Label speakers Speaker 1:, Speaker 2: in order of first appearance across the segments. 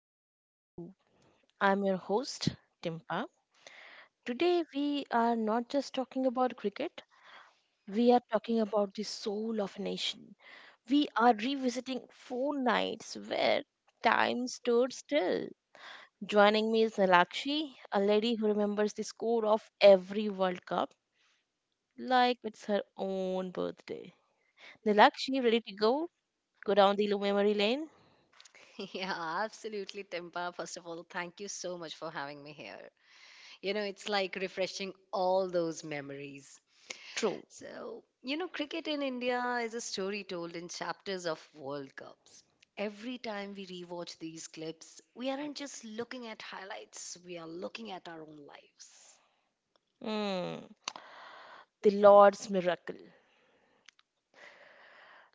Speaker 1: to Bleed Blue. I'm your host, Timpa. Today we are not just talking about cricket, we are talking about the soul of a nation. We are revisiting four nights where time stood still. Joining me is Nalakshi, a lady who remembers the score of every World Cup like it's her own birthday. Nalakshi, ready to go? Go down the memory lane?
Speaker 2: Yeah, absolutely, Timpa. First of all, thank you so much for having me here. You know, it's like refreshing all those memories.
Speaker 1: True.
Speaker 2: So, you know, cricket in India is a story told in chapters of World Cups. Every time we rewatch these clips, we aren't just looking at highlights, we are looking at our own
Speaker 1: Hmm. The Lord's miracle.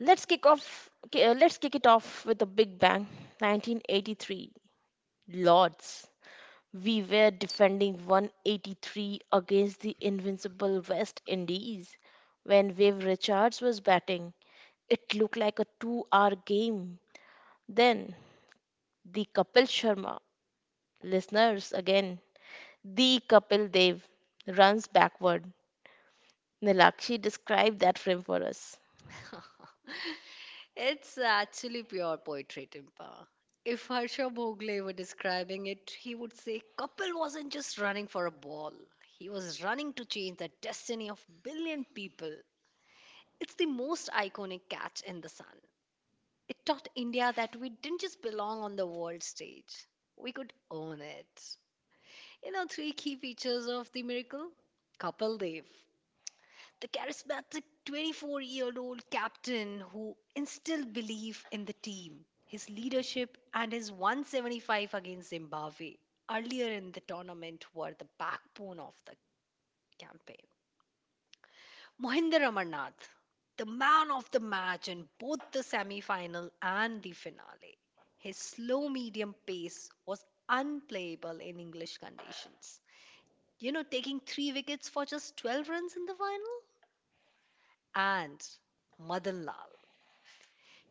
Speaker 1: Let's kick it off with a big bang. 1983. Lords. We were defending 183 against the invincible West Indies. When Wave Richards was batting, it looked like a two-hour game. Then the Kapil Sharma, listeners again, the Kapil Dev runs backward. Nilakshi described that frame for us.
Speaker 2: lives. It's actually pure poetry, Timpa. If Harsha Bhogle were describing it, he would say Kapil wasn't just running for a ball. He was running to change the destiny of billion people. It's the most iconic catch in the sun. It taught India that we didn't just belong on the world stage. We could own it. You know, three key features of the miracle? Kapil Dev, the charismatic 24-year-old year old captain who instilled belief in the team, his leadership, and his 175 against Zimbabwe earlier in the tournament were the backbone of the campaign. Mohinder Amarnath, the man of the match in both the semi final and the finale, his slow medium pace was unplayable in English conditions. You know, taking three wickets for just 12 runs in the final? And Madan Lal,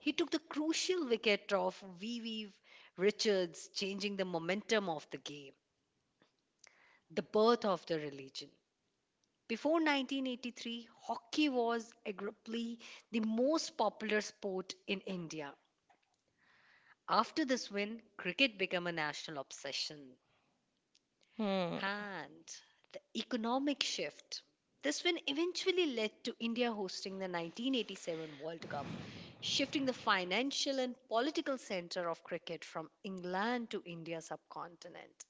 Speaker 2: he took the crucial wicket of VV Richards, changing the momentum of the game. The birth of the religion. Before 1983, hockey was arguably the most popular sport in India. After this win, cricket became a national obsession.
Speaker 1: Hmm.
Speaker 2: And the economic shift. This win eventually led to India hosting the 1987 World Cup, shifting the financial and political center of cricket from England to India subcontinent.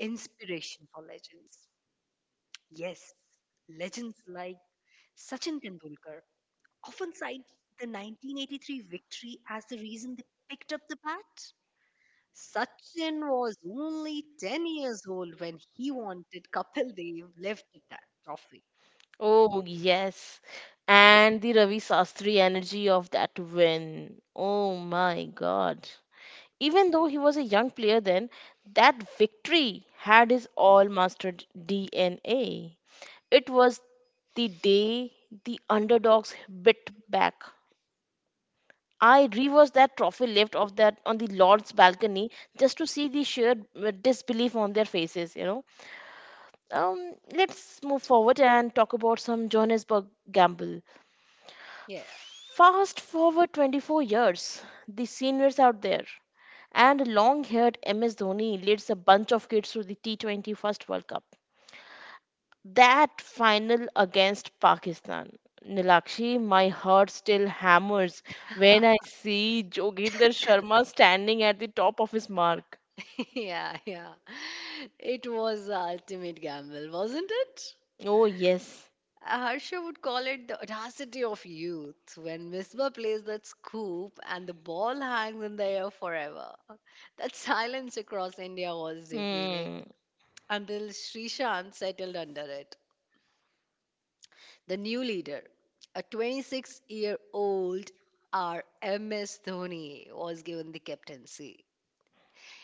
Speaker 2: Inspiration for legends. Yes, legends like Sachin Tendulkar often cite the 1983 victory as the reason they picked up the bat. Sachin was only 10 years old when he wanted Kapil Dev lifted that trophy.
Speaker 1: Oh, yes. And the Ravi Sastri energy of that win. Oh my God. Even though he was a young player then, that victory had his all mastered DNA. It was the day the underdogs bit back. I reversed that trophy lift of that on the Lord's balcony just to see the sheer disbelief on their faces, you know. Let's move forward and talk about some Johannesburg gamble.
Speaker 2: Yeah.
Speaker 1: Fast forward 24 years, the seniors out there, and long haired MS Dhoni leads a bunch of kids to the T20 World Cup. That final against Pakistan. Nilakshi, my heart still hammers when I see Joginder Sharma standing at the top of his mark.
Speaker 2: Yeah, yeah. It was the ultimate gamble, wasn't it?
Speaker 1: Oh, yes.
Speaker 2: Harsha would call it the audacity of youth when Misbah plays that scoop and the ball hangs in the air forever. That silence across India was defeating
Speaker 1: Hmm.
Speaker 2: until Srishant settled under it. The new leader, a 26-year-old year old RMS Dhoni, was given the captaincy.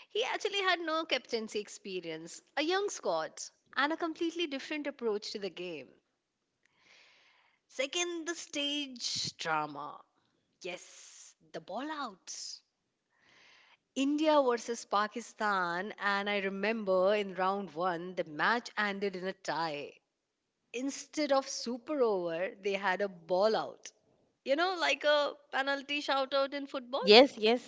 Speaker 2: He actually had no captaincy experience, a young squad, and a completely different approach to the game. Second, the stage drama. Yes, the ball out. India versus Pakistan, and I remember in round one, the match ended in a tie. Instead of super over, they had a ball out. You know, like a penalty shout out in football?
Speaker 1: Yes, yes.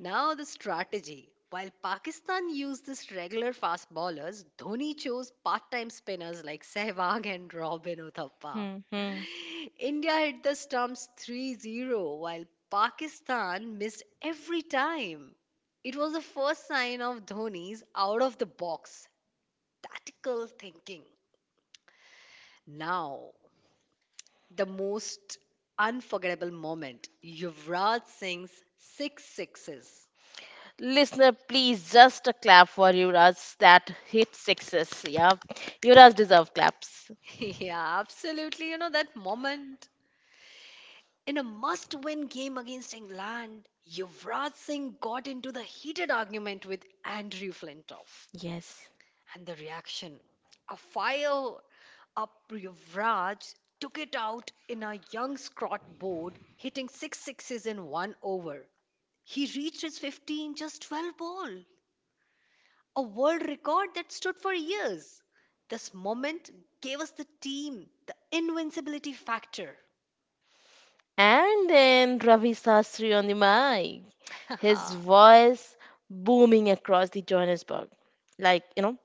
Speaker 2: Now, the strategy. While Pakistan used this regular fast bowlers, Dhoni chose part time spinners like Sehwag and Robin Uthappa.
Speaker 1: Hmm, hmm.
Speaker 2: India hit the stumps 3-0, while Pakistan missed every time. It was the first sign of Dhoni's out of the box tactical thinking. Now, the most unforgettable moment, Yuvraj Singh's six sixes.
Speaker 1: Listener, please just a clap for Yuvraj that hit sixes. Yeah, Yuvraj deserve claps.
Speaker 2: yeah, absolutely. You know, that moment. In a must win game against England, Yuvraj Singh got into the heated argument with Andrew Flintoff.
Speaker 1: Yes.
Speaker 2: And the reaction, a fire up Yuvraj took it out in a young Scott board, hitting six sixes in one over. He reached his 50 in just 12 ball, a world record that stood for years. This moment gave us the team, the invincibility factor.
Speaker 1: And then Ravi Sastry on the mic, his voice booming across the Johannesburg, like, you know,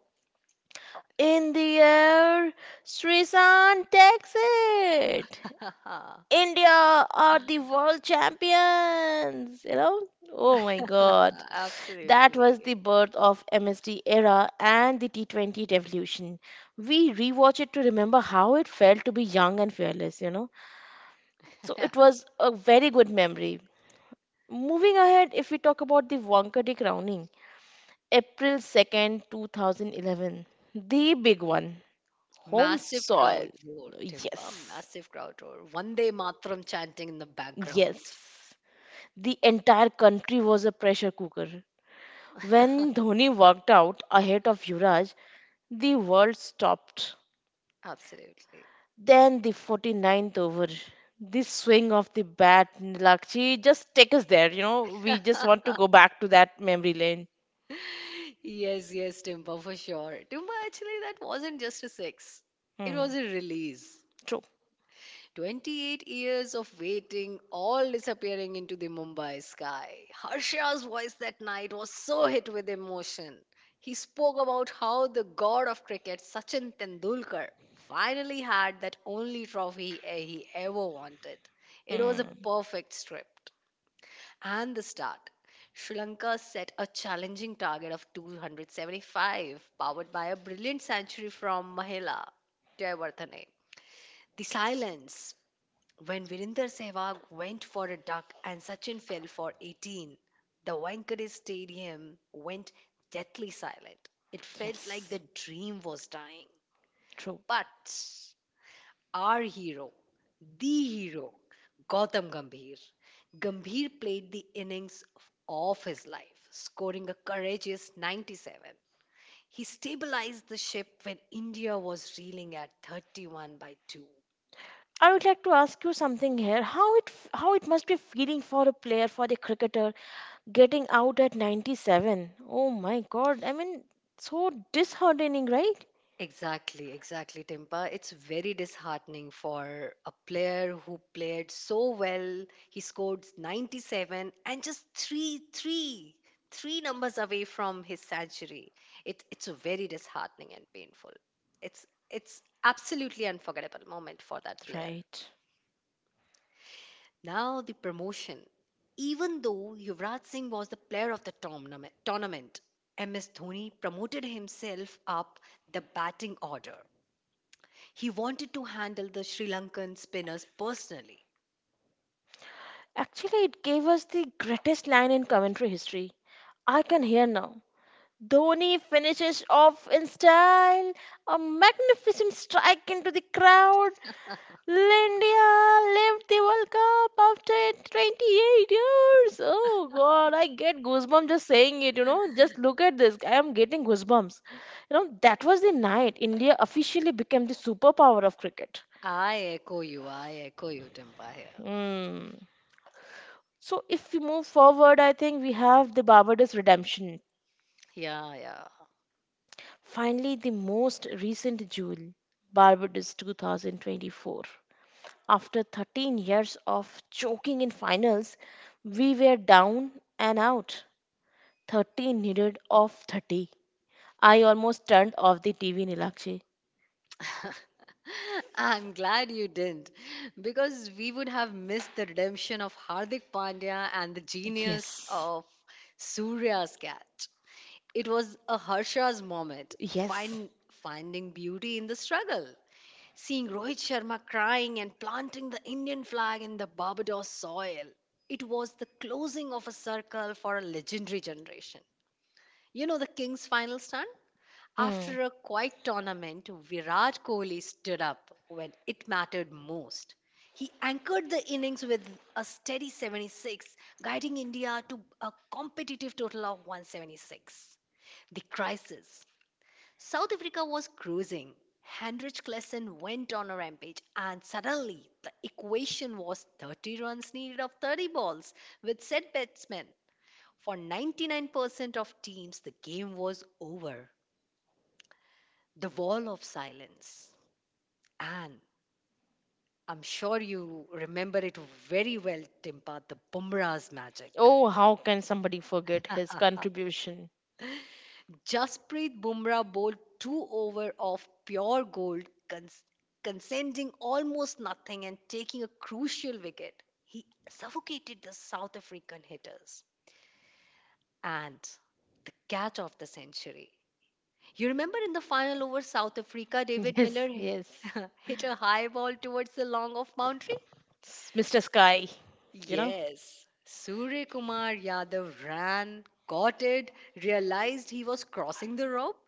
Speaker 1: in the air, Srisan takes it. India are the world champions. You know? Oh my God. That was the
Speaker 2: Absolutely.
Speaker 1: birth of MSD era and the T20 revolution. We rewatch it to remember how it felt to be young and fearless, you know? So
Speaker 2: Yeah.
Speaker 1: it was a very good memory. Moving ahead, if we talk about the Wankhede crowning, April 2nd, 2011, the big one, home
Speaker 2: Massive
Speaker 1: soil.
Speaker 2: crowd roar, Timpa,
Speaker 1: Yes,
Speaker 2: massive crowd roar. One day Matram chanting in the background.
Speaker 1: yes. The entire country was a pressure cooker. When Dhoni walked out ahead of Yuvraj, the world stopped.
Speaker 2: Absolutely.
Speaker 1: Then the 49th over, this swing of the bat, Nilakshi, just take us there. You know, we just want to go back to that memory lane.
Speaker 2: Yes, yes, Timpa, for sure. Timpa, actually, that wasn't just a six, it
Speaker 1: Hmm.
Speaker 2: was a release.
Speaker 1: True.
Speaker 2: 28 years of waiting, all disappearing into the Mumbai sky. Harsha's voice that night was so hit with emotion. He spoke about how the god of cricket, Sachin Tendulkar, finally had that only trophy he ever wanted. It was a
Speaker 1: Hmm.
Speaker 2: perfect script. And the start. Sri Lanka set a challenging target of 275, powered by a brilliant century from Mahela Jayawardene. The silence. When Virinder Sehwag went for a duck and Sachin fell for 18, the Wankhede Stadium went deathly silent. It felt like
Speaker 1: Yes.
Speaker 2: the dream was dying.
Speaker 1: True.
Speaker 2: But our hero, the hero, Gautam Gambhir, Gambhir played the innings of his life, scoring a courageous 97. He stabilized the ship when India was reeling at 31 by 2.
Speaker 1: I would like to ask you something here. How it must be feeling for a player, for the cricketer, getting out at 97. Oh my god. I mean, so disheartening, right?
Speaker 2: Exactly, exactly, Timpa. It's very disheartening for a player who played so well. He scored 97 and just three numbers away from his century. It's a very disheartening and painful. It's it's absolutely unforgettable moment for that player.
Speaker 1: Right.
Speaker 2: Now the promotion. Even though Yuvraj Singh was the player of the tournament, MS Dhoni promoted himself up the batting order. He wanted to handle the Sri Lankan spinners personally.
Speaker 1: Actually, it gave us the greatest line in commentary history. I can hear now. Dhoni finishes off in style. A magnificent strike into the crowd. India left the World Cup after 28 years. Oh God, I get goosebumps just saying it. You know, just look at this. I am getting goosebumps. You know, that was the night India officially became the superpower of cricket.
Speaker 2: I echo you. I echo you, Timpa here.
Speaker 1: Hmm. So if we move forward, I think we have the Barbados redemption.
Speaker 2: Yeah, yeah.
Speaker 1: Finally, the most recent jewel, Barbados 2024. After 13 years of choking in finals, we were down and out. 30 needed of 30. I almost turned off the TV, Nilakshi.
Speaker 2: I'm glad you didn't because we would have missed the redemption of Hardik Pandya and the genius
Speaker 1: Yes.
Speaker 2: of Surya's cat. It was a Harsha's moment,
Speaker 1: Yes.
Speaker 2: find, finding beauty in the struggle. Seeing Rohit Sharma crying and planting the Indian flag in the Barbados soil, it was the closing of a circle for a legendary generation. You know the Kings' final stand?
Speaker 1: Mm.
Speaker 2: After a quiet tournament, Virat Kohli stood up when it mattered most. He anchored the innings with a steady 76, guiding India to a competitive total of 176. The crisis. South Africa was cruising. Hendrich Klesen went on a rampage, and suddenly the equation was 30 runs needed of 30 balls with set batsmen. For 99% of teams, the game was over. The wall of silence. And I'm sure you remember it very well, Timpa, the Bumrah's magic.
Speaker 1: Oh, how can somebody forget his contribution?
Speaker 2: Jasprit Bumrah bowled two over of pure gold, cons- conceding almost nothing and taking a crucial wicket. He suffocated the South African hitters. And the catch of the century. You remember in the final over South Africa, David
Speaker 1: Yes,
Speaker 2: Miller
Speaker 1: yes.
Speaker 2: hit a high ball towards the long off boundary?
Speaker 1: Mr. Sky, you know?
Speaker 2: Yes. Surya Kumar Yadav ran, caught it, realized he was crossing the rope,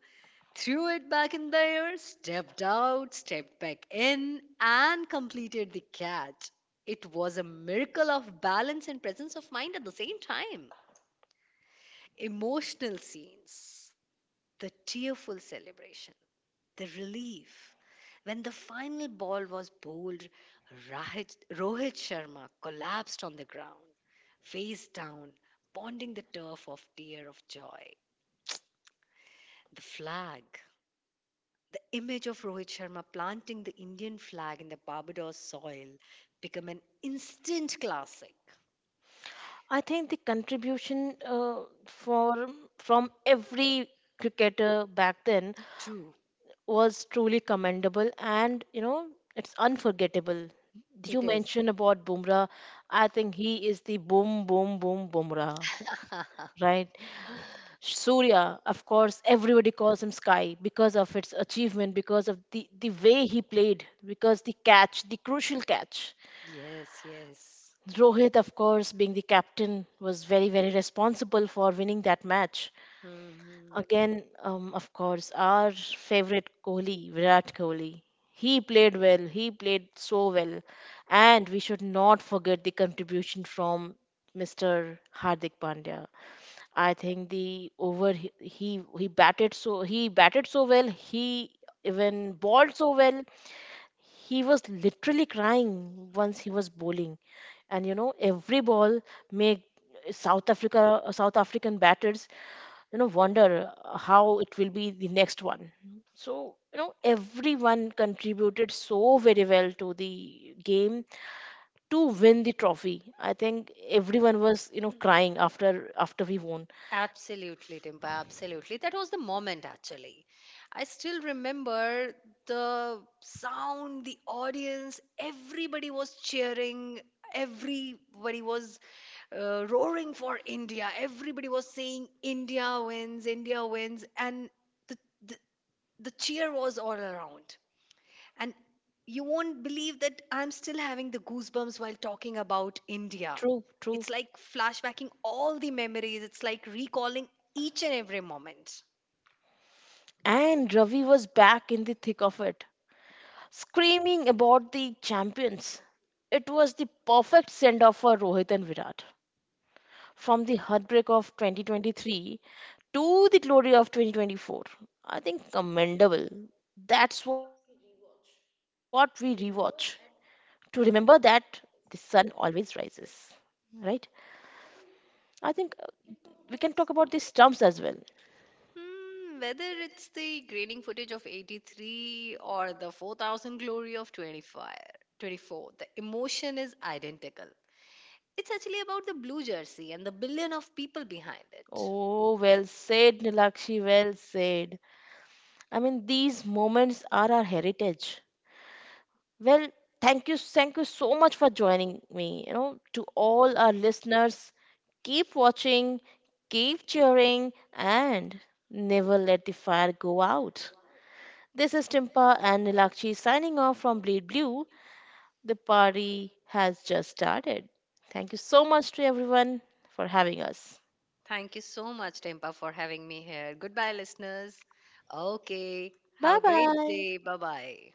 Speaker 2: threw it back in the air, stepped out, stepped back in, and completed the catch. It was a miracle of balance and presence of mind at the same time. Emotional scenes, the tearful celebration, the relief. When the final ball was bowled, Rohit Sharma collapsed on the ground, face down, pounding the turf of tear of joy. The flag. The image of Rohit Sharma planting the Indian flag in the Barbados soil became an instant classic.
Speaker 1: I think the contribution for from every cricketer back then
Speaker 2: True,
Speaker 1: was truly commendable, and you know it's unforgettable. You
Speaker 2: it is.
Speaker 1: mentioned about Bumrah. I think he is the boom, boom, boom, Bumrah, right? Surya, of course, everybody calls him Sky because of its achievement, because of the way he played, because the catch, the crucial catch.
Speaker 2: yes, yes.
Speaker 1: Rohit, of course, being the captain, was very, very responsible for winning that match.
Speaker 2: Mhm.
Speaker 1: Again, of course, our favorite Kohli, Virat Kohli. He played well. He played so well, and we should not forget the contribution from Mr. Hardik Pandya. I think the over he batted so he batted so well. He even bowled so well. He was literally crying once he was bowling, and you know every ball made South African batters, you know, wonder how it will be the next one. So, you know, everyone contributed so very well to the game to win the trophy. I think everyone was, you know, crying after we won.
Speaker 2: Absolutely, Dimpa. Absolutely. That was the moment, actually. I still remember the sound, the audience, everybody was cheering, everybody was roaring for India, everybody was saying, India wins, India wins. And the, the, the cheer was all around. And you won't believe that I'm still having the goosebumps while talking about India.
Speaker 1: True, true.
Speaker 2: It's like flashbacking all the memories, it's like recalling each and every moment.
Speaker 1: And Ravi was back in the thick of it, screaming about the champions. It was the perfect send off for Rohit and Virat. From the heartbreak of 2023 to the glory of 2024. I think commendable. That's what we rewatch to remember that the sun always rises, right? I think we can talk about these terms as well.
Speaker 2: Hmm, whether it's the graining footage of 83 or the 4000 glory of 25, 24, the emotion is identical. It's actually about the blue jersey and the billion of people behind it.
Speaker 1: Oh, well said, Nilakshi, well said. I mean, these moments are our heritage. Well, thank you so much for joining me. You know, to all our listeners, keep watching, keep cheering, and never let the fire go out. This is Timpa and Nilakshi signing off from Bleed Blue. The party has just started. Thank you so much to everyone for having us.
Speaker 2: Thank you so much, Tempa, for having me here. Goodbye, listeners. Okay. Have a
Speaker 1: Bye
Speaker 2: great
Speaker 1: bye.
Speaker 2: day. Bye bye.